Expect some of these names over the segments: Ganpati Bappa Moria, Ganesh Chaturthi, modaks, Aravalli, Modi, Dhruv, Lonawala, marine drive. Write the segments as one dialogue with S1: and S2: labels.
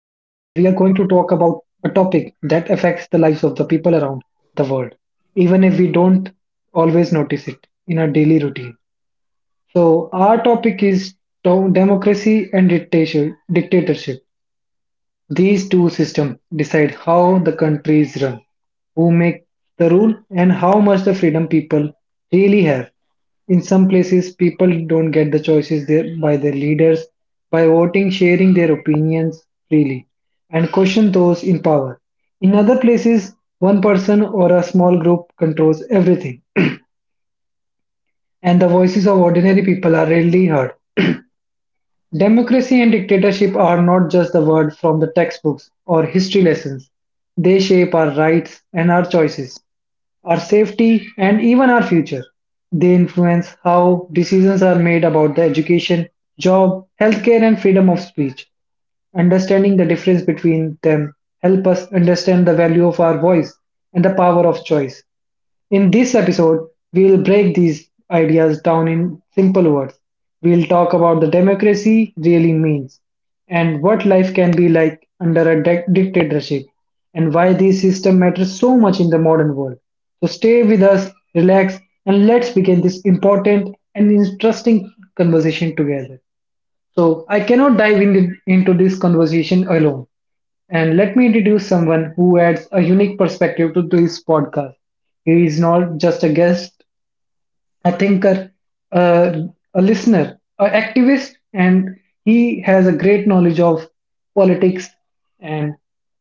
S1: about a topic that affects the lives of the people around the world, even if we don't always notice it in our daily routine. So, our topic is democracy and dictatorship. These two systems decide how the country is run, who make the rule, and how much the freedom people really have. In some places, people don't get the choices there by their leaders by voting, sharing their opinions freely, and question those in power. In other places, one person or a small group controls everything, and the voices of ordinary people are rarely heard. Democracy and dictatorship are not just the words from the textbooks or history lessons. They shape our rights and our choices, our safety, and even our future. They influence how decisions are made about the education, job, healthcare, and freedom of speech. Understanding the difference between them help us understand the value of our voice and the power of choice. In this episode, we will break these ideas down in simple words. We will talk about the democracy really means and what life can be like under a dictatorship and why this system matters so much in the modern world. So stay with us, relax, and let's begin this important and interesting conversation together. So I cannot dive in into this conversation alone. And let me introduce someone who adds a unique perspective to this podcast. He is not just a guest, a thinker, a, a listener, an activist, and he has a great knowledge of politics. And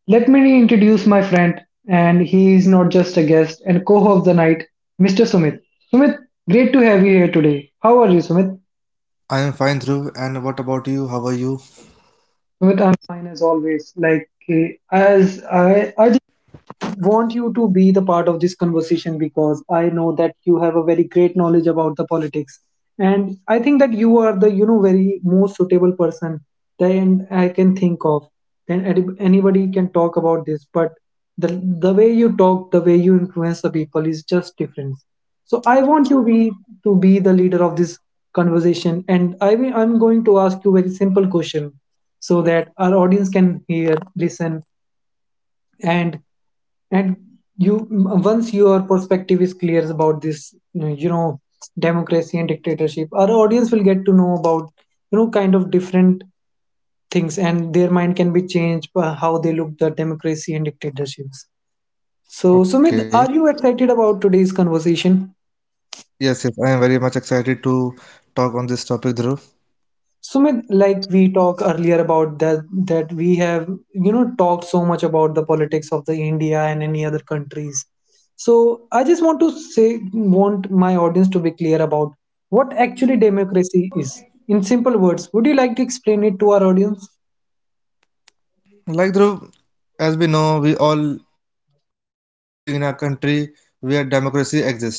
S1: let me introduce my friend, and he is not just a guest and co host of the night, Mr. Sumit. Sumit, great to have you here today. How are you, Sumit?
S2: I am fine, Dhruv. And what about you? How are you?
S1: Sumit, I'm fine as always. Like, as I want you to be the part of this conversation because I know that you have a very great knowledge about the politics, and I think that you are the you know very most suitable person that I can think of. Then anybody can talk about this, but the way you talk, the way you influence the people is just different. So I want you be to be the leader of this conversation, and I'm going to ask you very simple question so that our audience can hear, listen, and and you, once your perspective is clear about this, you know, democracy and dictatorship, our audience will get to know about, you know, kind of different things, and their mind can be changed by how they look the democracy and dictatorships. So Sumit,
S2: Okay.
S1: are you excited about today's conversation?
S2: Yes, I am very much excited to talk on this topic, Dhruv.
S1: Sumit, like we talked earlier about that we have, you know, talked so much about the politics of the India and any other countries. So I just want to want my audience to be clear about what actually democracy is. In simple words, would you like to explain it to our audience?
S2: Like Dhruv, as we know, we all people are living in a country where democracy exists. Okay,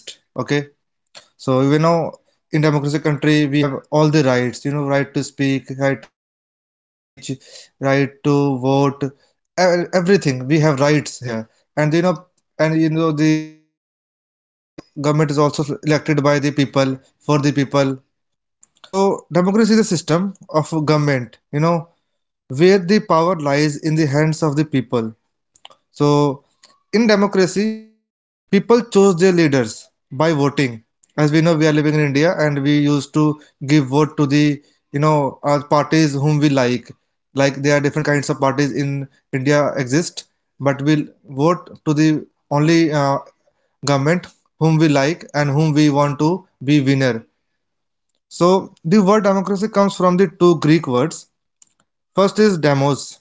S2: so we know in democracy country we have all the rights. You know, right to speak, right to speech, right to vote, everything. We have rights here, and you know, and you know the government is government is also elected by the people for the people. So democracy is a system of government, you know, where the power lies in the hands of the people. So in democracy, people choose their leaders by voting. As we know, we are living in India and we used to give vote to the, parties whom we like. Like there are different kinds of parties in India exist, but we'll vote to the only government whom we like and whom we want to be winner. So the word democracy comes from the two Greek words. First is demos,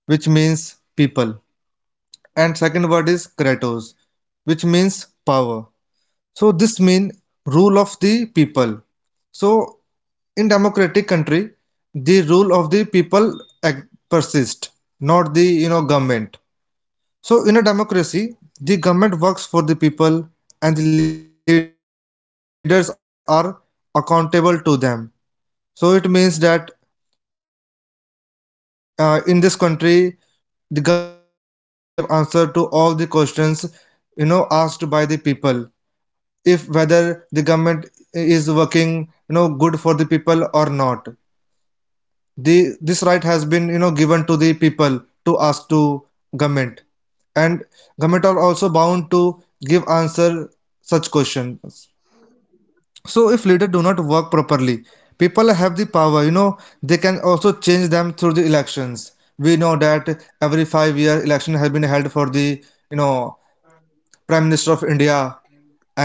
S2: which means people, and second word is kratos, which means power. So this means rule of the people. So in democratic country, the rule of the people persists, not the government. So in a democracy, the government works for the people and the leaders are accountable to them. So it means that in this country, the government is working for the people and they have to give answer to all the questions asked by the people, if whether the government is working good for the people or not. The this right has been given to the people to ask to government, and government are also bound to give answer such questions. So if leaders do not work properly, people have the power. They can also change them through the elections. We know that every 5 year election has been held for the you know prime minister of India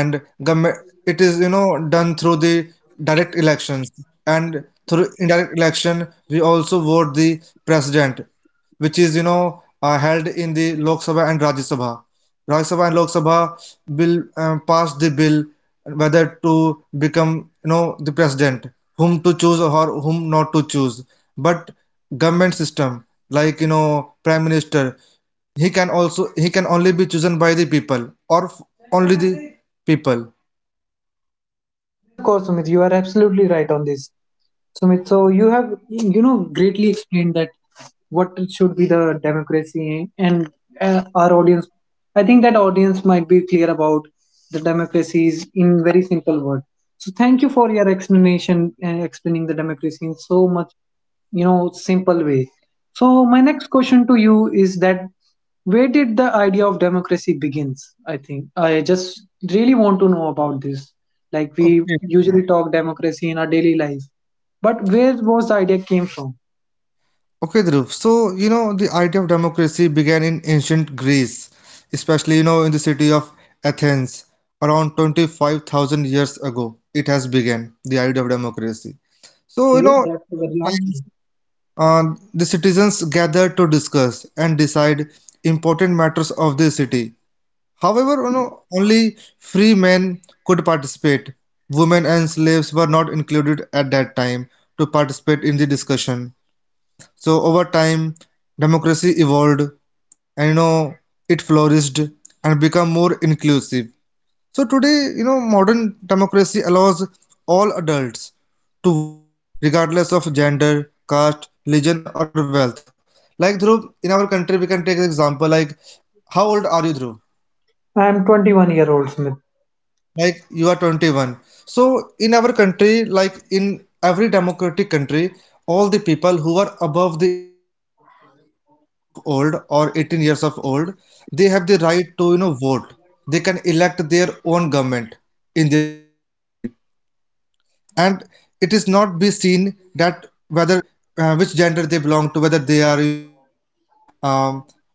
S2: and government. It is done through the direct elections, and through indirect election we also vote the president, which is held in the Lok Sabha and Rajya Sabha. Rajya Sabha and Lok Sabha will pass the bill whether to become the president, whom to choose or whom not to choose. But government system, like prime minister, he can only be chosen by the people or only the people.
S1: Yes, of course, Sumit, you are absolutely right on this. Sumit, so you have, you know, greatly explained that what should be the democracy and our audience. I think that audience might be clear about the democracies in very simple word. So thank you for your explanation and explaining the democracy in so much, you know, simple way. So my next question to you is that where did the idea of democracy begins? I think I just really want to know about this. Like we
S2: Okay.
S1: usually talk democracy in our daily life, but where was the idea came from?
S2: Okay, Dhruv. So, you know, the idea of democracy began in ancient Greece, especially, you know, in the city of Athens around 25,000 years ago. It has began, the idea of democracy. So,
S1: Okay, that's a very long
S2: times,
S1: time.
S2: uh, the citizens gathered to discuss and decide important matters of the city. However, you know, only free men could participate. Women and slaves were not included at that time to participate in the discussion. So over time, democracy evolved and it flourished and become more inclusive. So today, you know, modern democracy allows all adults to vote regardless of gender, caste, religion or wealth. Like Dhruv, in our country we can take an example like how old are you Dhruv?
S1: I am 21-year-old Smith.
S2: Like you are 21. So in our country, like in every democratic country, all the people who are above the 18 years of old or 18 years of old, they have the right to, you know, vote. They can elect their own government in their country. And it is not be seen that whether which gender they belong to, whether they are, um,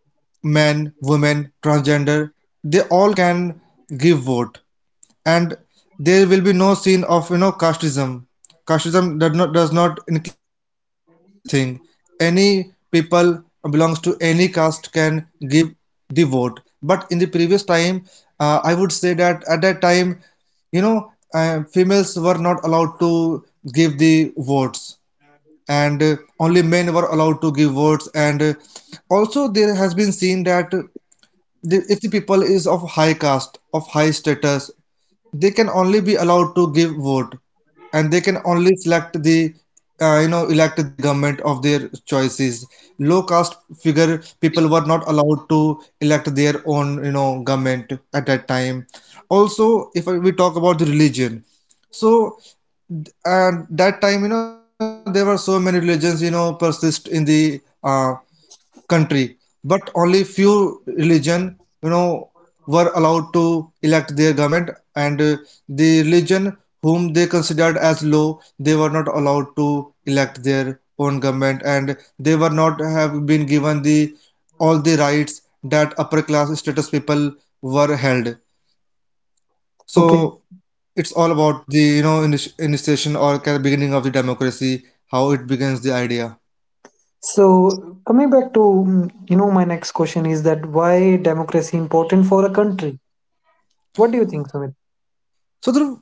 S2: men, women, transgender, they all can give vote, and there will be no scene of casteism. Casteism does not include in this thing. Any people belongs to any caste can give the vote. But in the previous time, I would say that at that time, females were not allowed to give the votes, and only men were allowed to give votes. And also, there has been seen that the, if the people is of high caste, of high status, they can only be allowed to give vote, and they can only select the elect the government of their choices. Low caste figure people were not allowed to elect their own government at that time. Also, if we talk about the religion, so and that time, you know, there were so many religions, persist in the uh, country, but only few religion, you know, were allowed to elect their government, and the religion whom they considered as low, they were not allowed to elect their own government, and they were not have been given the all the rights that upper class status people were held.
S1: Okay.
S2: So it's all about the initiation or kind of beginning of the democracy, how it begins the idea.
S1: So coming back to you know, my next question is that why democracy important for a country? What do you think, Smith?
S2: So Dhruv,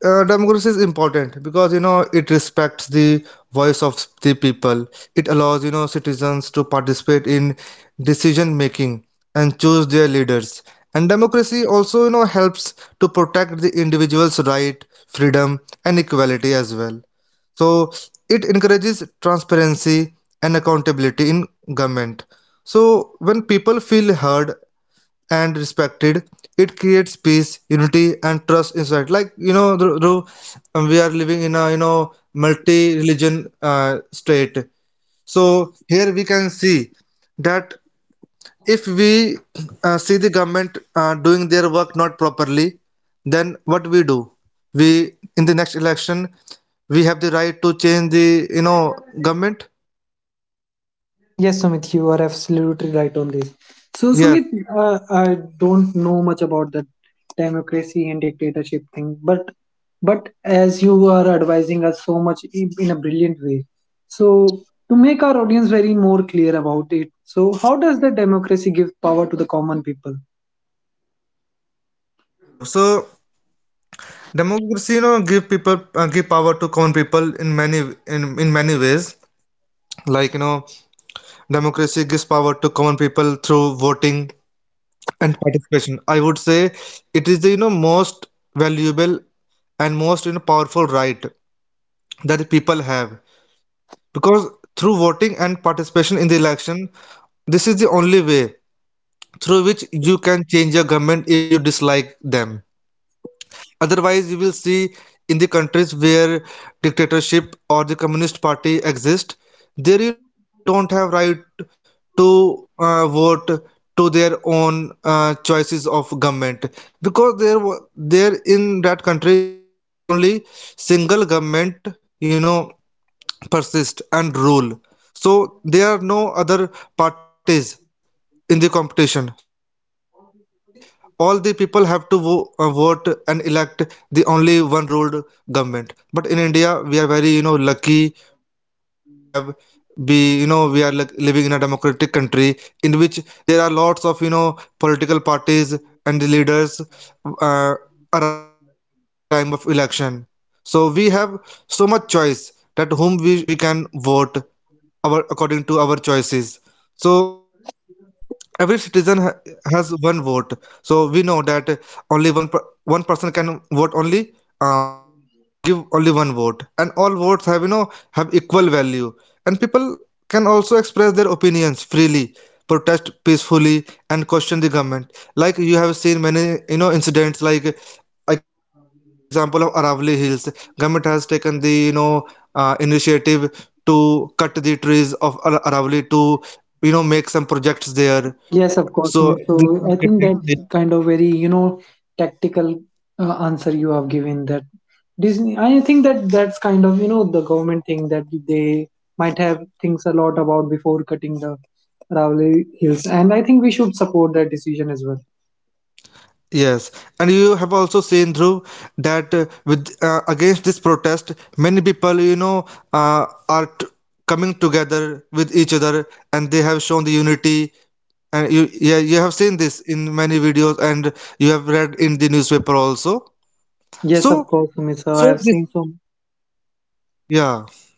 S2: democracy is important because it respects the voice of the people. It allows citizens to participate in decision making and choose their leaders, and democracy also helps to protect the individual's right, freedom, and equality as well. So it encourages transparency and accountability in government. So when people feel heard and respected, it creates peace, unity and trust inside. Like, we are living in a multi religion state. So here we can see that if we see the government doing their work not properly, then what we do, we in the next election, we have the right to change the government.
S1: Yes, yes, Sumit, you are absolutely right on this. So,
S2: Yes.
S1: Sumit, I don't know much about that democracy and dictatorship thing, but as you are advising us so much in a brilliant way, so to make our audience very more clear about it, so how does the democracy give power to the common people?
S2: Okay, Dhruv. So democracy, give power to common people in many, in many ways. Like, democracy gives power to common people through voting and participation, I would say. It is the most valuable and most powerful right that the people have, because through voting and participation in the election, this is the only way through which you can change your government if you dislike them. Otherwise, you will see in the countries where dictatorship or the communist party exist, there people don't have right to vote to their own choices of government, because there in that country you will see only single government persist and rule. So there are no other parties in the competition, so obviously all the people have to vote and elect the only one ruled government. But in India we are very, lucky to have, be you know we are like living in a democratic country in which there are lots of political parties, and the leaders uh, arise in the time of election. So we have so much choice that whom we can vote our according to our choices. So every citizen has one vote. So we know that only one person can vote only, um, give only one vote, and all votes have have equal value, and people can also express their opinions freely, protest peacefully, and question the government. Like you have seen many incidents like, I can take the example of Aravalli Hills. Government has taken the initiative to cut the trees of Aravalli to make some projects there.
S1: Yes,
S2: So
S1: of course,
S2: this
S1: Sumi.
S2: started, you
S1: So
S2: know,
S1: I
S2: yeah.
S1: think that's kind of very, you know, tactical answer you have given that Disney. I think that that's kind of, you know, the government thing that they might have thinks a lot about before cutting the Ravli Hills, and I think we should support that decision as well.
S2: Yes, and you have also seen through that, with against this protest, many people, uh, are t- coming together with each other, and they have shown the unity. And you have seen this in many videos, and you have read in the newspaper also.
S1: Yes, of
S2: So
S1: course, Sumi. So I have
S2: This,
S1: seen some.
S2: yeah.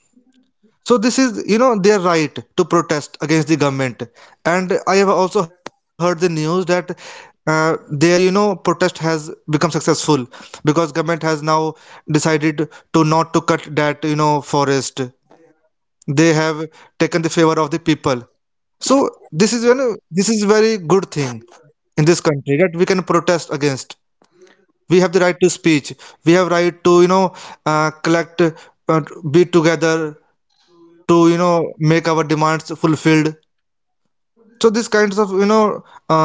S2: So this is, you know, their right to protest against the government. And I have also heard the news that their, you know, protest has become successful because government has now decided to not to cut that, you know, forest. They have taken the favor of the people. So this is, you know, this is very good thing in this country that we can protest against. We have the right to speech. We have right to, collect uh, be together to make our demands fulfilled. So these kinds of uh,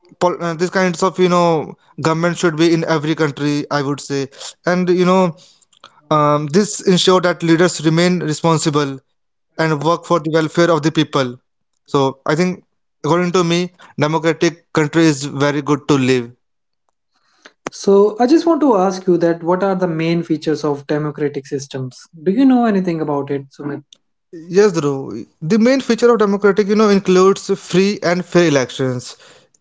S2: these kinds of government should be in every country, I would say. And this ensure that leaders remain responsible and work for the welfare of the people. So I think, according to me, democratic country is very good to live.
S1: So I just want to ask you that what are the main features of democratic systems? Do you know anything about it, Sumi?
S2: Yes, Dhruv. The main feature of democratic, you know, includes free and fair elections,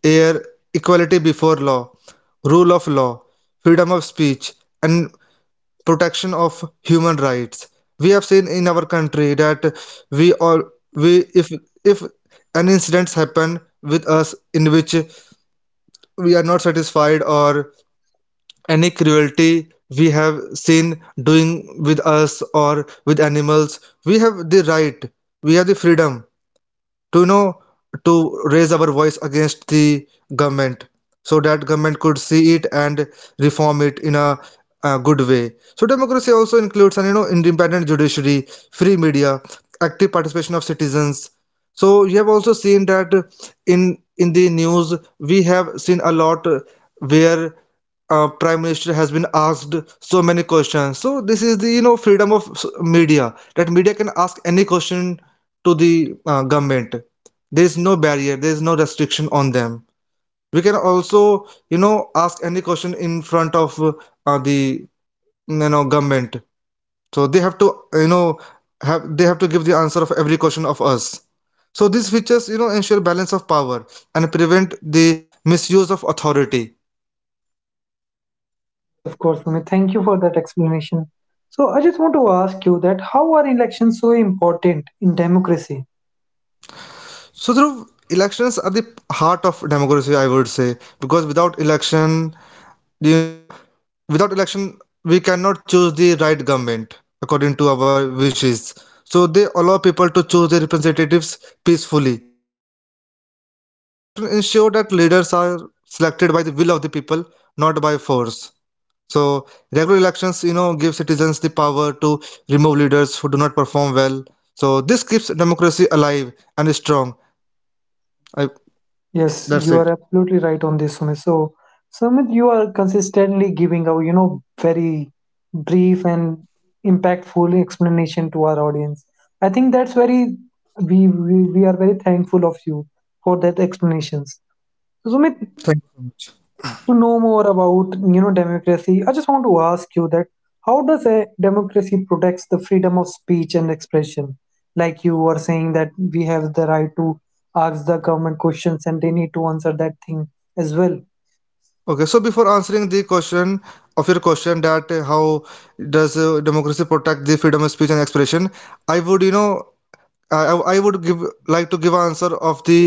S2: air equality before law, rule of law, freedom of speech, and protection of human rights. We have seen in our country that we all we if an incidents happen with us in which we are not satisfied or any cruelty we have seen doing with us or with animals, we have the right, we have the freedom to you know to raise our voice against the government so that government could see it and reform it in a good way. So democracy also includes an independent judiciary, free media, active participation of citizens. So you have also seen that in in the news we have seen a lot, where prime minister has been asked so many questions. So this is the freedom of media, that media can ask any question to the government. There is no barrier, there is no restriction on them. We can also ask any question in front of the government, so they have to, you know have they have to give the answer of every question of us. So these features ensure balance of power and prevent the misuse of authority.
S1: Yes, of course, Sumit. Thank you for that explanation. So I just want to ask you that how are elections so important in democracy?
S2: So, Dhruv, elections are the heart of democracy, I would say, because without election, you know, without election, we cannot choose the right government according to our wishes. So, they allow people to choose their representatives peacefully. So, election ensure that leaders are selected by the will of the people, not by force. So, regular elections, give citizens the power to remove leaders who do not perform well. So, this keeps democracy alive and strong. I, that's
S1: Yes,
S2: it.
S1: you are absolutely right on this, Sumit. So Sumit, you are consistently giving a, you know, very brief and impactful explanation to our audience. I think that's very we are very thankful of you for that explanations. So Sumit,
S2: Thank you so much.
S1: to know more about, you know, democracy, I just want to ask you that how does a democracy protects the freedom of speech and expression, like you were saying that we have the right to ask the government questions and they need to answer that thing as well.
S2: Okay, so before answering the question of your question, that how does democracy protect the freedom of speech and expression, I would you know I would give, like, to give answer of the,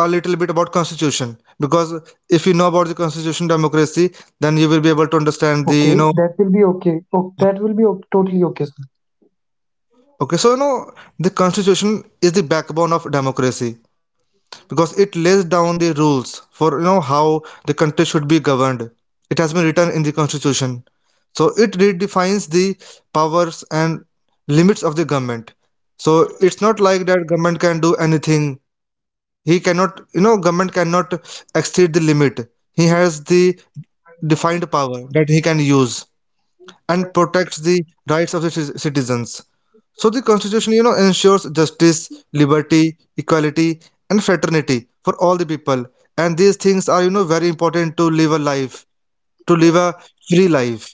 S2: a little bit about constitution, because if you know about the constitution democracy, then you will be able to understand the you
S1: Okay,
S2: know
S1: that will be okay. Oh, that will be totally okay, sir.
S2: Okay, so the constitution is the backbone of democracy, because it lays down the rules for how the country should be governed. It has been written in the constitution. So it redefines the powers and limits of the government. So it's not like that government can do anything. He cannot you know government cannot exceed the limit. He has the defined power that he can use, and protects the rights of the citizens. So the constitution, ensures justice, liberty, equality, and fraternity for all the people. And these things are, very important to live a life, to live a free life.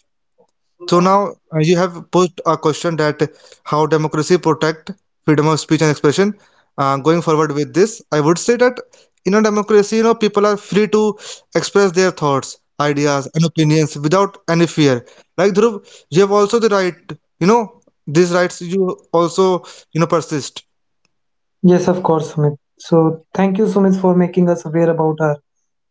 S2: So now, you have put a question, that how democracy protect freedom of speech and expression. Going forward with this, I would say that in a democracy, people are free to express their thoughts, ideas, and opinions without any fear. Like Dhruv, you have also the right, you know, these rights you also, persist.
S1: Yes, of course, Sumit. So thank you, Sumit, for making us aware about her,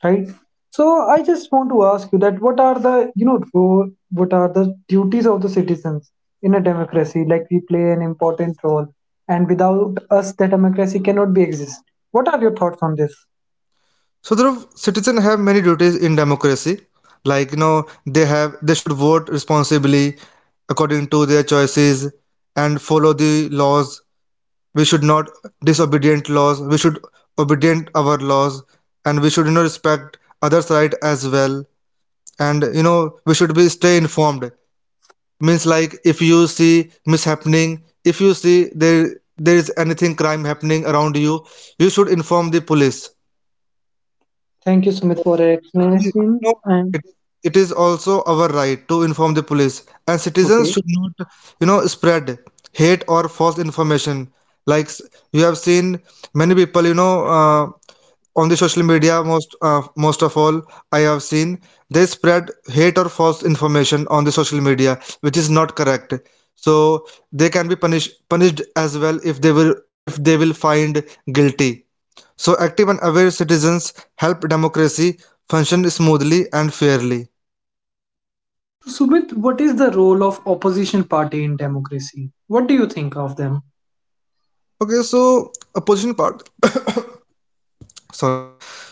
S1: right? So I just want to ask you that what are the, you know, what are the duties of the citizens in a democracy? Like we play an important role, and without us, the democracy cannot be exist. What are your thoughts on this?
S2: So, Dhruv, citizens have many duties in democracy. Like, they should vote responsibly according to their choices, and follow the laws. We should not disobedient laws. We should obedient our laws, and we should respect others' right as well. And we should be stay informed. Means like if you see mishappening, if you see there is anything crime happening around you, you should inform the police.
S1: Thank you, Sumit, for your
S2: You
S1: explanation.
S2: know,
S1: And
S2: it, it is also our right to inform the police, and citizens
S1: okay,
S2: should not, spread hate or false information. Like you have seen many people, on the social media, most of all, I have seen they spread hate or false information on the social media, which is not correct. So they can be punished as well, if they will find guilty. So active and aware citizens help democracy function smoothly and fairly.
S1: so Sumit, what is the role of opposition party in democracy? What do you think of them?
S2: Okay, so opposition part sorry.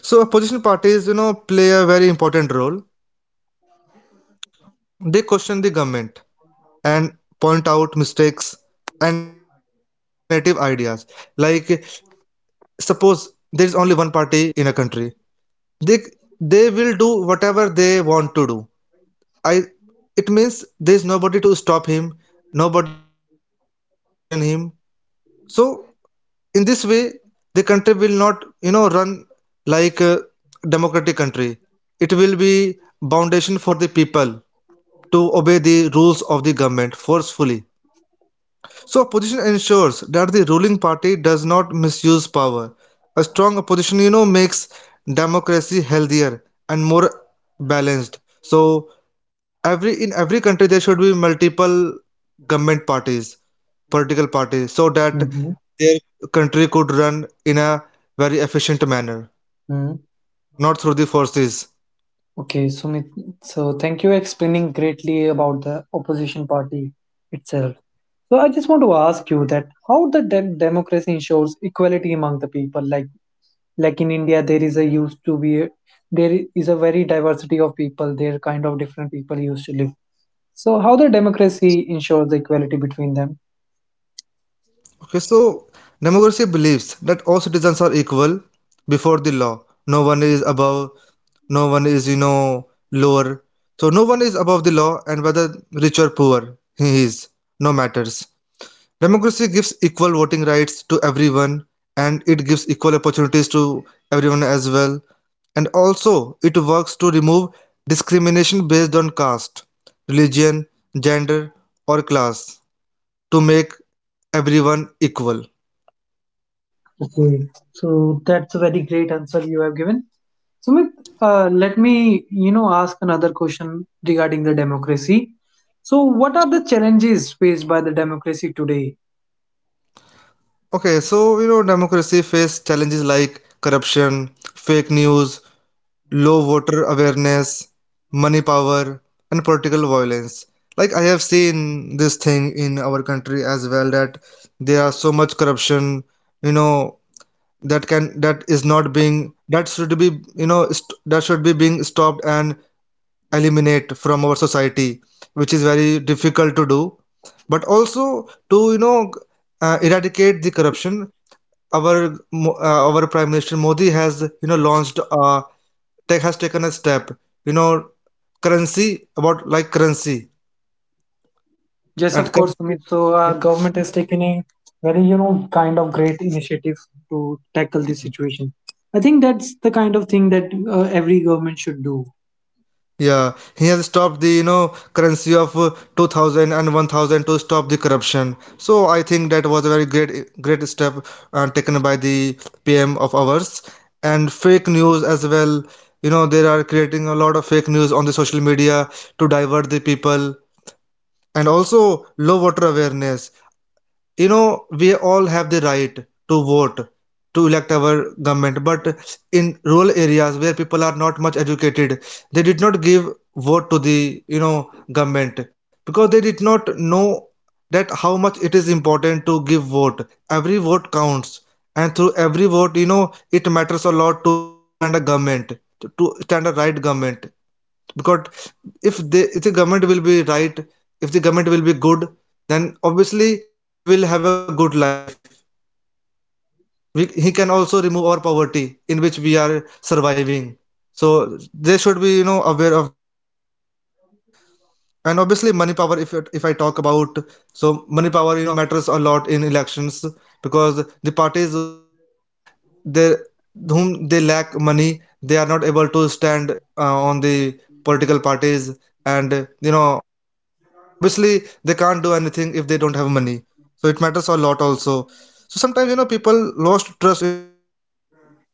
S2: So opposition parties, play a very important role. They question the government and point out mistakes and offer alternative ideas. Like suppose there is only one party in a country. They they will do whatever they want to do. I it means there is nobody to stop him, nobody to question him. So in this way the country will not run like a democratic country. It will be foundation for the people to obey the rules of the government forcefully. So opposition ensures that the ruling party does not misuse power. A strong opposition makes democracy healthier and more balanced. So every in every country there should be multiple government parties, political parties, so that their country could run in a very efficient manner,
S1: Hmm.
S2: not through the forces.
S1: Okay, Sumit. So thank you explaining greatly about the opposition party itself. So I just want to ask you that how the democracy ensures equality among the people. Like in India, there is a used to be there is a very diversity of people. There kind of different people used to live. So how the democracy ensures the equality between them?
S2: Okay, so democracy believes that all citizens are equal before the law. No one is above, no one is, lower. So no one is above the law, and whether rich or poor, he is, no matters. Democracy gives equal voting rights to everyone, and it gives equal opportunities to everyone as well. And also, it works to remove discrimination based on caste, religion, gender, or class, to make everyone equal.
S1: Okay, so that's a very great answer you have given. Sumit, let me, you know, ask another question regarding the democracy. So, what are the challenges faced by the democracy today?
S2: Okay, so democracy faces challenges like corruption, fake news, low voter awareness, money power, and political violence. Like I have seen this thing in our country as well, that there are so much corruption, you know, that can that is not being, that should be that should be being stopped and eliminate from our society, which is very difficult to do. But also to eradicate the corruption, our our Prime Minister Modi has launched a tech, has taken a step, you know currency about, like, currency
S1: Yes, of
S2: and
S1: course,
S2: currency.
S1: Sumit. So, our government has taken a very, you know, kind of great initiative to tackle this situation. I think that's the kind of thing that every government should do.
S2: Yeah, he has stopped the currency of 2000, to stop the corruption, so I think that was a very great step, taken by the PM of ours. And fake news as well, they are creating a lot of fake news on the social media to divert the people. And also low water awareness, we all have the right to vote, to elect our government, but in rural areas where people are not much educated, they did not give vote to the government, because they did not know that how much it is important to give vote. Every vote counts, and through every vote, it matters a lot to, stand a government, to stand a right government. Because if the government will be right, if the government will be good, then obviously we will have a good life. He can also remove our poverty in which we are surviving. So they should be aware of this thing. And obviously money power, if I talk about. So money power, matters a lot in elections, because the parties they whom they lack money, they are not able to stand, on the political parties, and, obviously, they can't do anything if they don't have money. So it matters a lot also. So sometimes, people lost trust in leaders,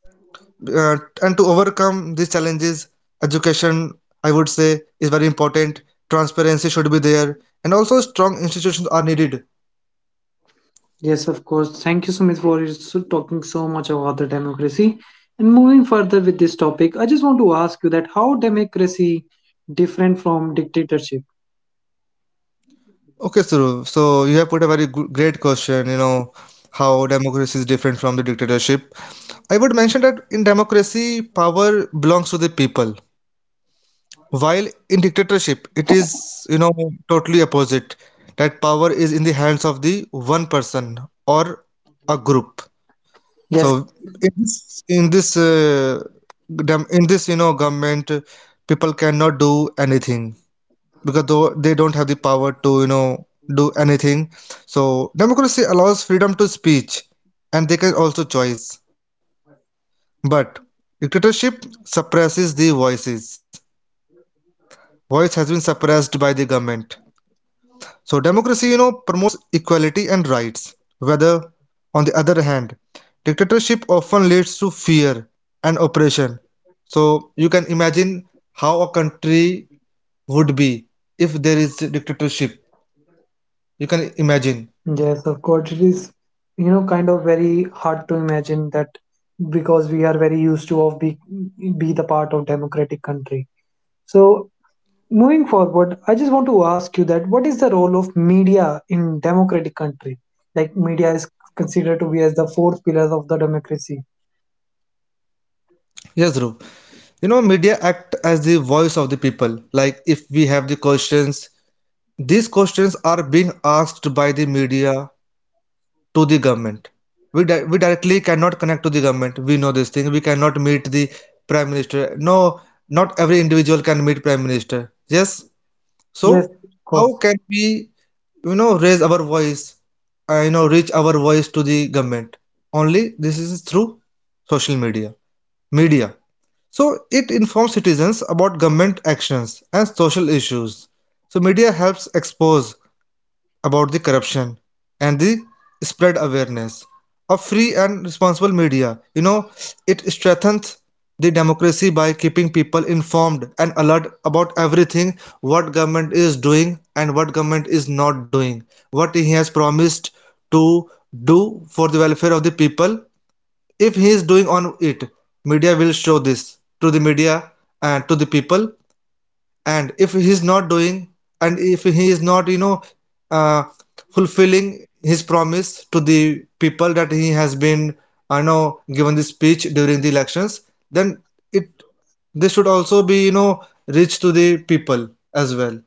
S2: uh, and to overcome these challenges, education, I would say, is very important. Transparency should be there, and also strong institutions are needed.
S1: Yes, of course. Thank you, Sumit, for talking so much about the democracy. And moving further with this topic, I just want to ask you that how democracy different from dictatorship?
S2: Okay, so you have put a very great question. How democracy is different from the dictatorship, I would mention that in democracy power belongs to the people, while in dictatorship it is, totally opposite. That power is in the hands of the one person, or a group. So
S1: Yes,
S2: in this gov- in this you know government, people cannot do anything, because though they don't have the power to do anything. So democracy allows freedom to speech, and they can also choice. But dictatorship suppresses the voices. Voice has been suppressed by the government. So democracy, promotes equality and rights. Whether, on the other hand, dictatorship often leads to fear and oppression. So you can imagine how a country would be if there is a dictatorship. You can imagine.
S1: yes, of course. It is, you know, kind of very hard to imagine that because we are very used to of be the part of democratic country. So moving forward, I just want to ask you that what is the role of media in democratic country? Like media is considered to be as the fourth pillar of the democracy.
S2: Yes, Dhruv. Media act as the voice of the people. Like if we have the questions, these questions are being asked by the media to the government. We directly cannot connect to the government. We know this thing. We cannot meet the prime minister. No, not every individual can meet prime minister. Yes.
S1: Yes,
S2: So
S1: of
S2: how
S1: course.
S2: can we, raise our voice, reach our voice to the government? Only this is through social media. Media. So it informs citizens about government actions and social issues. So media helps expose about the corruption, and the spread awareness of free and responsible media. You know, it strengthens the democracy by keeping people informed and alert about everything what government is doing and what government is not doing, what he has promised to do for the welfare of the people. If he is doing on it, media will show this to the media and to the people, and if he is not doing and if he is not uh, fulfilling his promise to the people that he has been I know given the speech during the elections, then it this should also be reached to the people as well.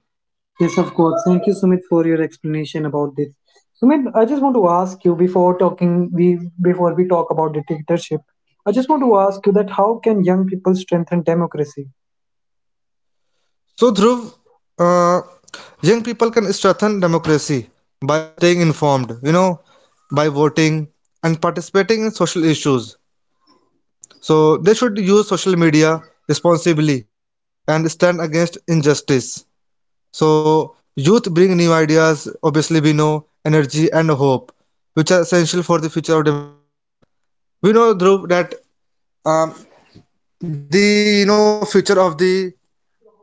S1: Yes, of course. Thank you, Sumit, for your explanation about this. Sumit, I just want to ask you before we talk about dictatorship. I just want to ask you that how can young people strengthen democracy?
S2: So Dhruv, uh, young people can strengthen democracy by staying informed, you know, by voting and participating in social issues. So they should use social media responsibly and stand against injustice. So, youth bring new ideas, obviously, we know, energy and hope, which are essential for the future of democracy. We know, Dhruv, that um, the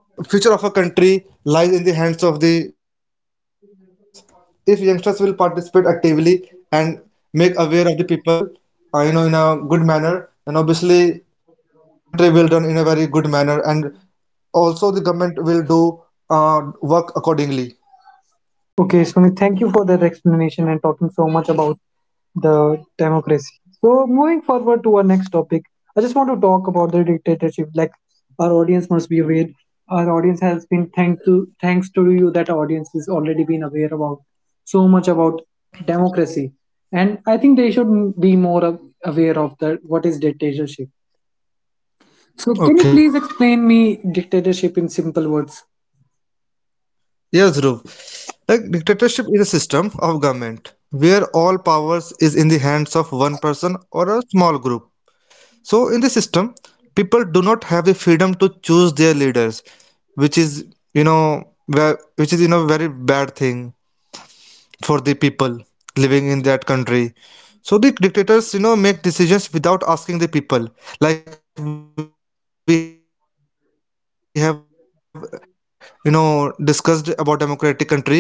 S2: future of a country lies in the hands of the youngsters. If youngsters will participate actively and make aware of the people, you know, in a good manner, then obviously the country will run in a very good manner, and also the government will do work accordingly.
S1: Okay, Sumit, thank you for that explanation and talking so much about the democracy. So moving forward to our next topic, I just want to talk about the dictatorship. Like our audience must be aware. Our audience has been thanks to you that audience has already been aware about so much about democracy, and I think they should be more aware of that what is dictatorship. So can you
S2: Okay.
S1: please explain me dictatorship in simple words?
S2: Yes, Dhruv. Like dictatorship is a system of government where all powers is in the hands of one person or a small group. So in this system, people do not have the freedom to choose their leaders, which is which is you know very bad thing for the people living in that country. So the dictators, you know, make decisions without asking the people, like we have, you know, discussed about democratic country where all the, you know, decisions have been taken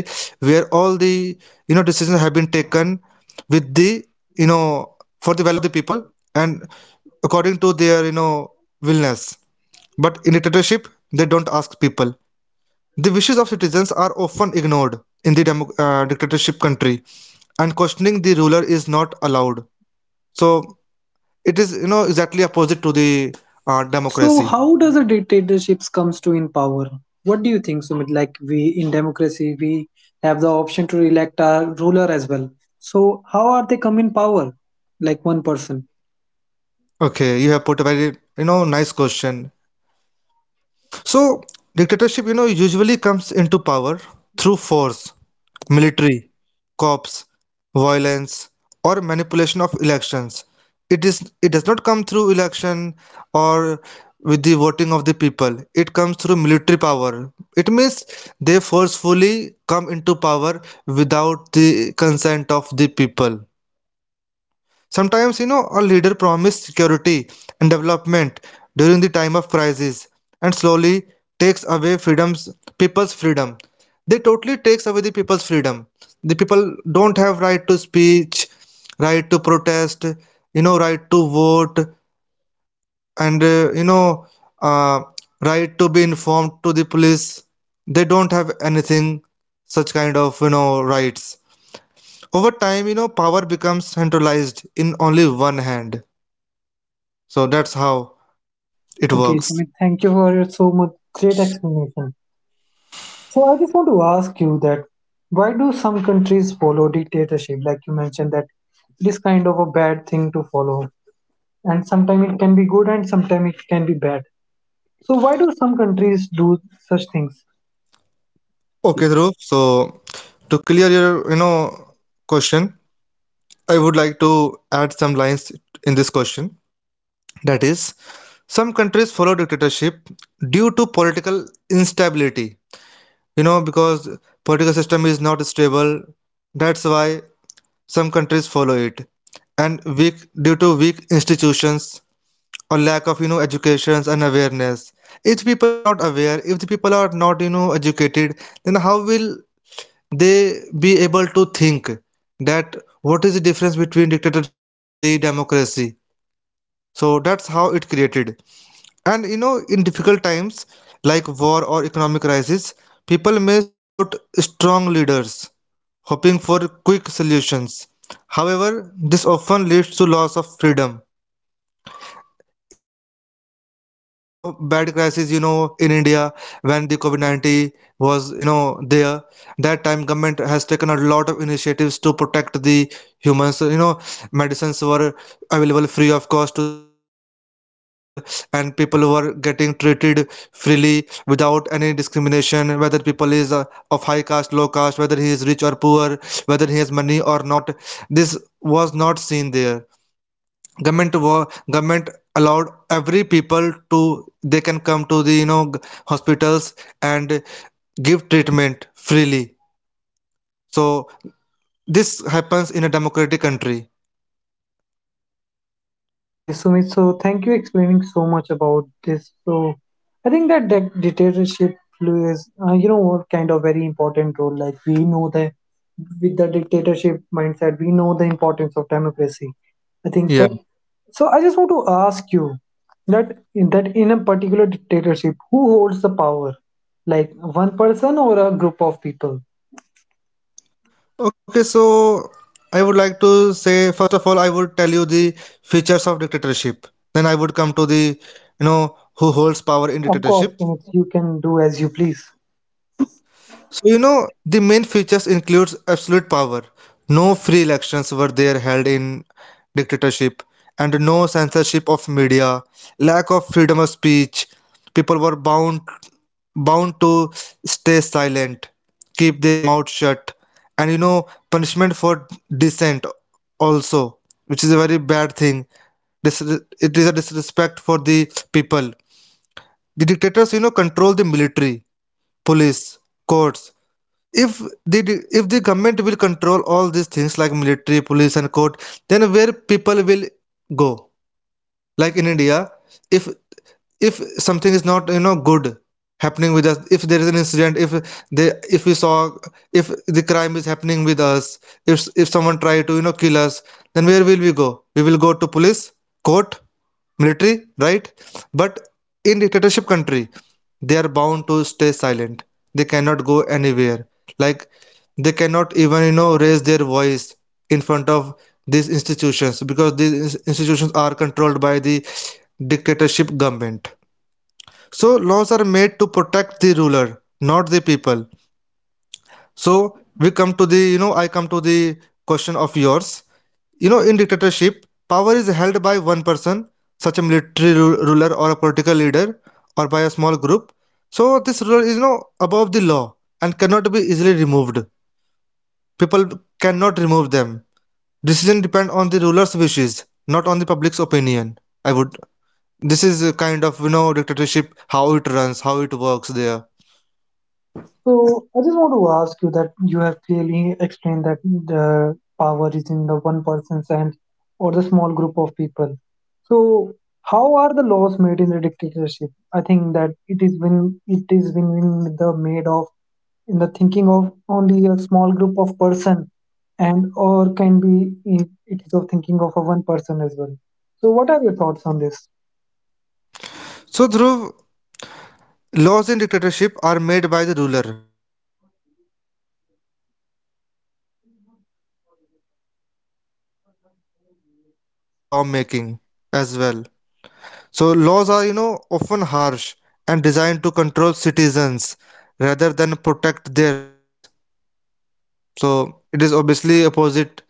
S2: with the, you know, for the welfare of the people and according to their, you know, willness. But in dictatorship, they don't ask people. The wishes of citizens are often ignored in the dictatorship country, and questioning the ruler is not allowed. So it is, you know, exactly opposite to the democracy.
S1: So, how does a dictatorships comes to in power? What do you think, Sumit? Like we in democracy, we have the option to elect our ruler as well. So, how are they come in power? Like one person.
S2: Okay, you have put a very, you know, nice question. So dictatorship, you know, usually comes into power through force, military, cops, violence, or manipulation of elections. It does not come through election or with the voting of the people. It comes through military power. It means they forcefully come into power without the consent of the people. Sometimes, you know, a leader promises security and development during the time of crisis and slowly takes away freedoms, people's freedom. They totally takes away the people's freedom. The people don't have right to speech, right to protest, you know, right to vote, and uh, right to be informed to the police. They don't have anything such kind of you know rights. Over time, you know, power becomes centralized in only one hand. So that's how it
S1: Okay,
S2: works.
S1: Sumit. Thank you for your so much great explanation. So, I just want to ask you that why do some countries follow dictatorship? Like you mentioned that it is kind of a bad thing to follow, and sometimes it can be good and sometimes it can be bad. So, why do some countries do such things?
S2: Okay, Dhruv. So to clear your, you know, question, I would like to add some lines in this question. That is, some countries follow dictatorship due to political instability. You know, because political system is not stable. That's why some countries follow it, and weak due to weak institutions or lack of you know educations and awareness. If people are not aware, if the people are not, you know, educated, then how will they be able to think that what is the difference between dictatorship and the democracy? So that's how it created. And you know in difficult times like war or economic crisis, people may support strong leaders hoping for quick solutions. However, this often leads to loss of freedom. In the time of bad crisis, you know, in India, when the covid-19 was, you know, there, that time government has taken a lot of initiatives to protect the humans, you know. Medicines were available free of cost to the people, and people were getting treated freely without any discrimination, whether people is of high caste low caste, whether he is rich or poor, whether he has money or not. This was not seen there. Government allowed every people to, they can come to the hospitals and give treatment freely. So this happens in a democratic country.
S1: Okay, Sumit, so thank you explaining so much about this. So I think that dictatorship plays, you know, what kind of very important role. Like we know that with the dictatorship mindset, we know the importance of democracy. I think that.
S2: Yeah.
S1: So I just want to ask you that that in a particular dictatorship, who holds the power? Like one person or a group of people?
S2: Okay, so I would like to say, first of all, I would tell you the features of dictatorship, then I would come to the, you know, who holds power in
S1: Of course,
S2: dictatorship.
S1: Sumit, you can do as you please.
S2: So you know the main features includes absolute power. No free elections were there held in dictatorship, and no censorship of media, lack of freedom of speech. People were bound to stay silent, keep their mouth shut, and you know punishment for dissent also, which is a very bad thing. It is a disrespect for the people. The dictators, you know, control the military, police, courts. If the if the government will control all these things like military, police and court, then where people will go? Like in India, if if something is not, you know, good happening with us, if there is an incident, if they, if we saw, if the crime is happening with us, if someone try to, you know, kill us, then where will we go? We will go to police, court, military, right? But in dictatorship country, they are bound to stay silent. They cannot go anywhere. Like they cannot even, you know, raise their voice in front of these institutions, because these institutions are controlled by the dictatorship government. So laws are made to protect the ruler, not the people. So we come to the, you know, I come to the question of yours. You know, in dictatorship, power is held by one person, such a military ruler or a political leader, or by a small group. So this ruler is you know above the law and cannot be easily removed. People cannot remove them. Decision depend on the ruler's wishes, not on the public's opinion. I would. This is a kind of you know dictatorship, how it runs, how it works there.
S1: So I just want to ask you that you have clearly explained that the power is in the one person's hand or the small group of people. So how are the laws made in the dictatorship? I think that it is when the made of in the thinking of only a small group of person and or can be it is of thinking of a one person as well. So what are your thoughts on this?
S2: So Dhruv, laws in dictatorship are made by the ruler or ruling group who is ruling. There is no discussion or debate on this. People have no role in lawmaking as well. So laws are, you know, often harsh and designed to control citizens rather than protect their rights. So it is obviously opposite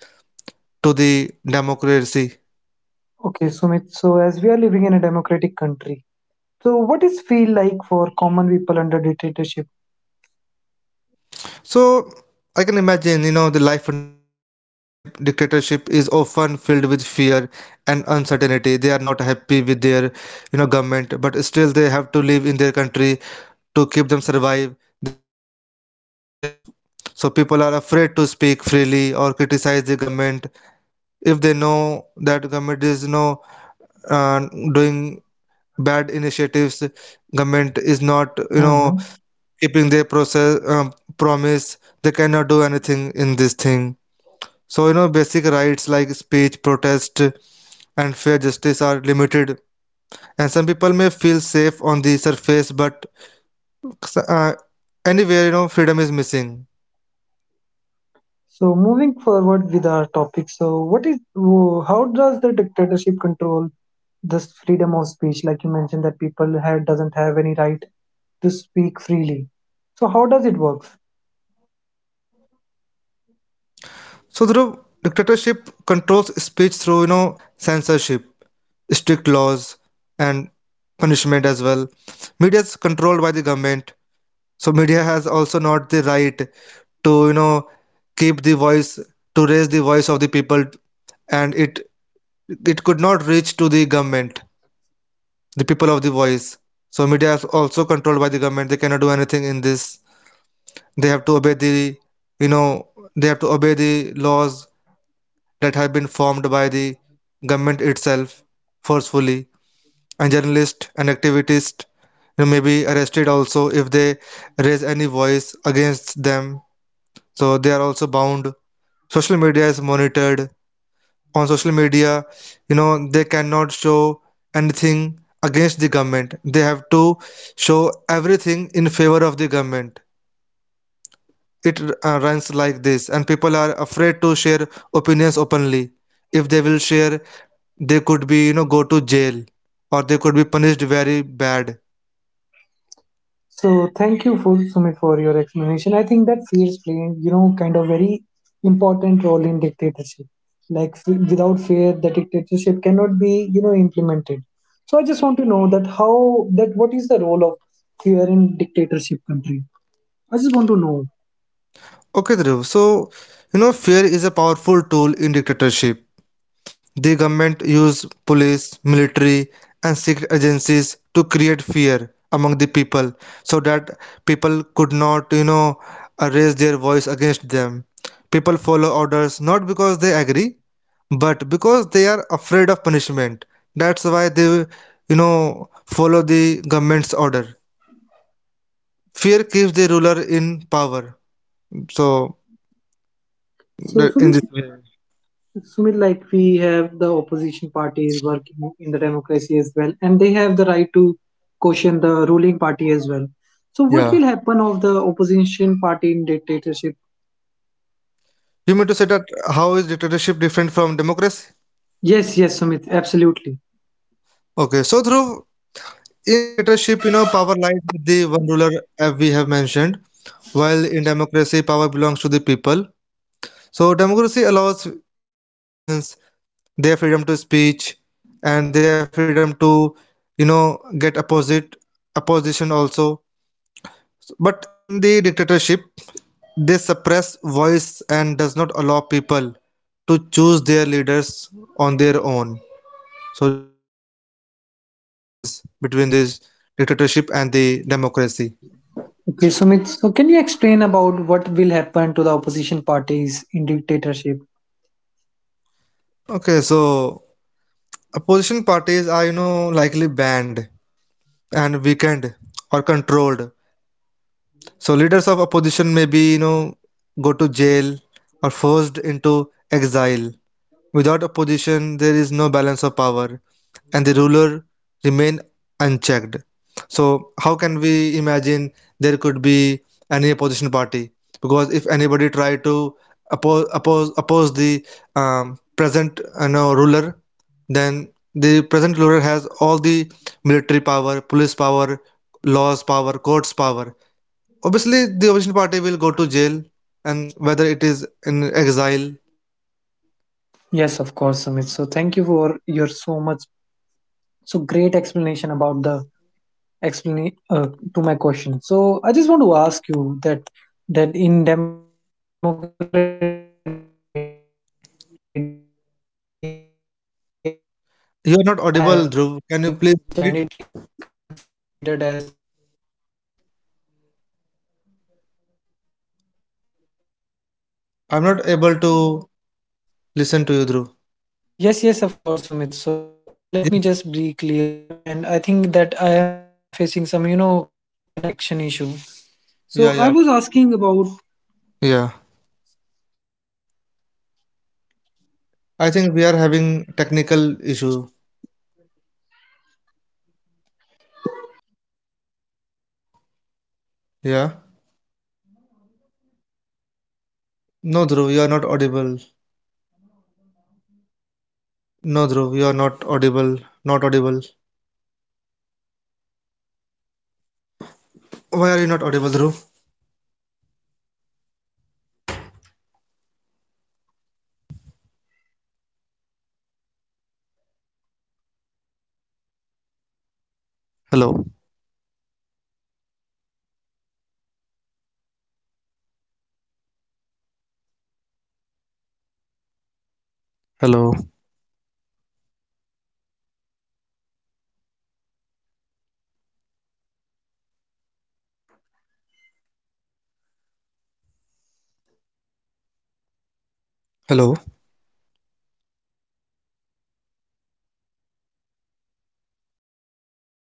S2: to the democracy.
S1: Okay, Sumit. So as we are living in a democratic country, so, what is feel like for common people under dictatorship?
S2: So I can imagine, you know, the life under dictatorship is often filled with fear and uncertainty. They are not happy with their, you know, government, but still they have to live in their country to keep them survive. They have to stay quiet. So people are afraid to speak freely or criticize the government if they know that government is, you know, uh, doing bad initiatives. Government is not, you know,
S1: Hmm.
S2: keeping their process promise. They cannot do anything in this thing. So you know basic rights like speech, protest and fair justice are limited, and some people may feel safe on the surface, but uh, anywhere you know freedom is missing.
S1: So, moving forward with our topic. So, what is how does the dictatorship control this freedom of speech? Like you mentioned, that people had doesn't have any right to speak freely. So, how does it work?
S2: So Dhruv, dictatorship controls speech through you know censorship, strict laws and punishment as well. Media is controlled by the government. So media has also not the right to, you know, keep the voice, to raise the voice of the people, and it could not reach to the government, the people of the voice. So media is also controlled by the government. They cannot do anything in this. They have to obey the, you know, they have to obey the laws that have been formed by the government itself forcefully. And journalists and activists, you know, may be arrested also if they raise any voice against them. So they are also bound. Social media is monitored. On social media, you know, they cannot show anything against the government. They have to show everything in favor of the government. It runs like this, and people are afraid to share opinions openly. If they will share, they could be, you know, go to jail, or they could be punished very bad.
S1: So thank you, for Sumit, for your explanation. I think that fears play, you know, kind of very important role in dictatorship. Like without fear, the dictatorship cannot be, you know, implemented. So I just want to know that how that what is the role of fear in dictatorship country? I just want to know.
S2: Okay, Dhruv. So, you know, fear is a powerful tool in dictatorship. The government use police, military, and secret agencies to create fear among the people, so that people could not, you know, raise their voice against them. People follow orders not because they agree, but because they are afraid of punishment. That's why they, you know, follow the government's order. Fear keeps the ruler in power. So,
S1: So
S2: that- in
S1: Sumit,
S2: this way,
S1: Like we have the opposition parties working in the democracy as well, and they have the right to question the ruling party as well. So what
S2: yeah.
S1: will happen of the opposition party in dictatorship?
S2: You mean to say that how is dictatorship different from democracy?
S1: Yes, yes, Sumit, absolutely.
S2: Okay, so through in dictatorship, you know, power lies with the one ruler, as we have mentioned, while in democracy, power belongs to the people. So democracy allows free elections, their freedom to speech, and their freedom to, you know, get opposite opposition also. But in the dictatorship, they suppress voice and does not allow people to choose their leaders on their own. So these are the differences between this dictatorship and the democracy.
S1: Okay, Sumit, so can you explain about what will happen to the opposition parties in dictatorship?
S2: Okay, so opposition parties are you know likely banned and weakened or controlled. So leaders of opposition may be, you know, go to jail or forced into exile. Without opposition, there is no balance of power, and the ruler remain unchecked. So, how can we imagine there could be any opposition party? Because if anybody try to oppose the um, present, you know, ruler, then the present ruler has all the military power, police power, laws power, courts power. Obviously, the opposition party will go to jail, and whether it is in exile.
S1: Yes, of course, Sumit. So thank you for your so much, so great explanation about the explain to my question. So I just want to ask you that that in democratic country, media have freedom.
S2: You're not audible, Dhruv. Can you please repeat? I'm not able to listen to you, Dhruv. Yes. Yeah, yeah. Yeah. I think we are having technical issue. Yeah. No, Dhruv, you are not audible. No, Dhruv, you are not audible. Not audible. Why are you not audible, Dhruv? Hello. Hello. Hello.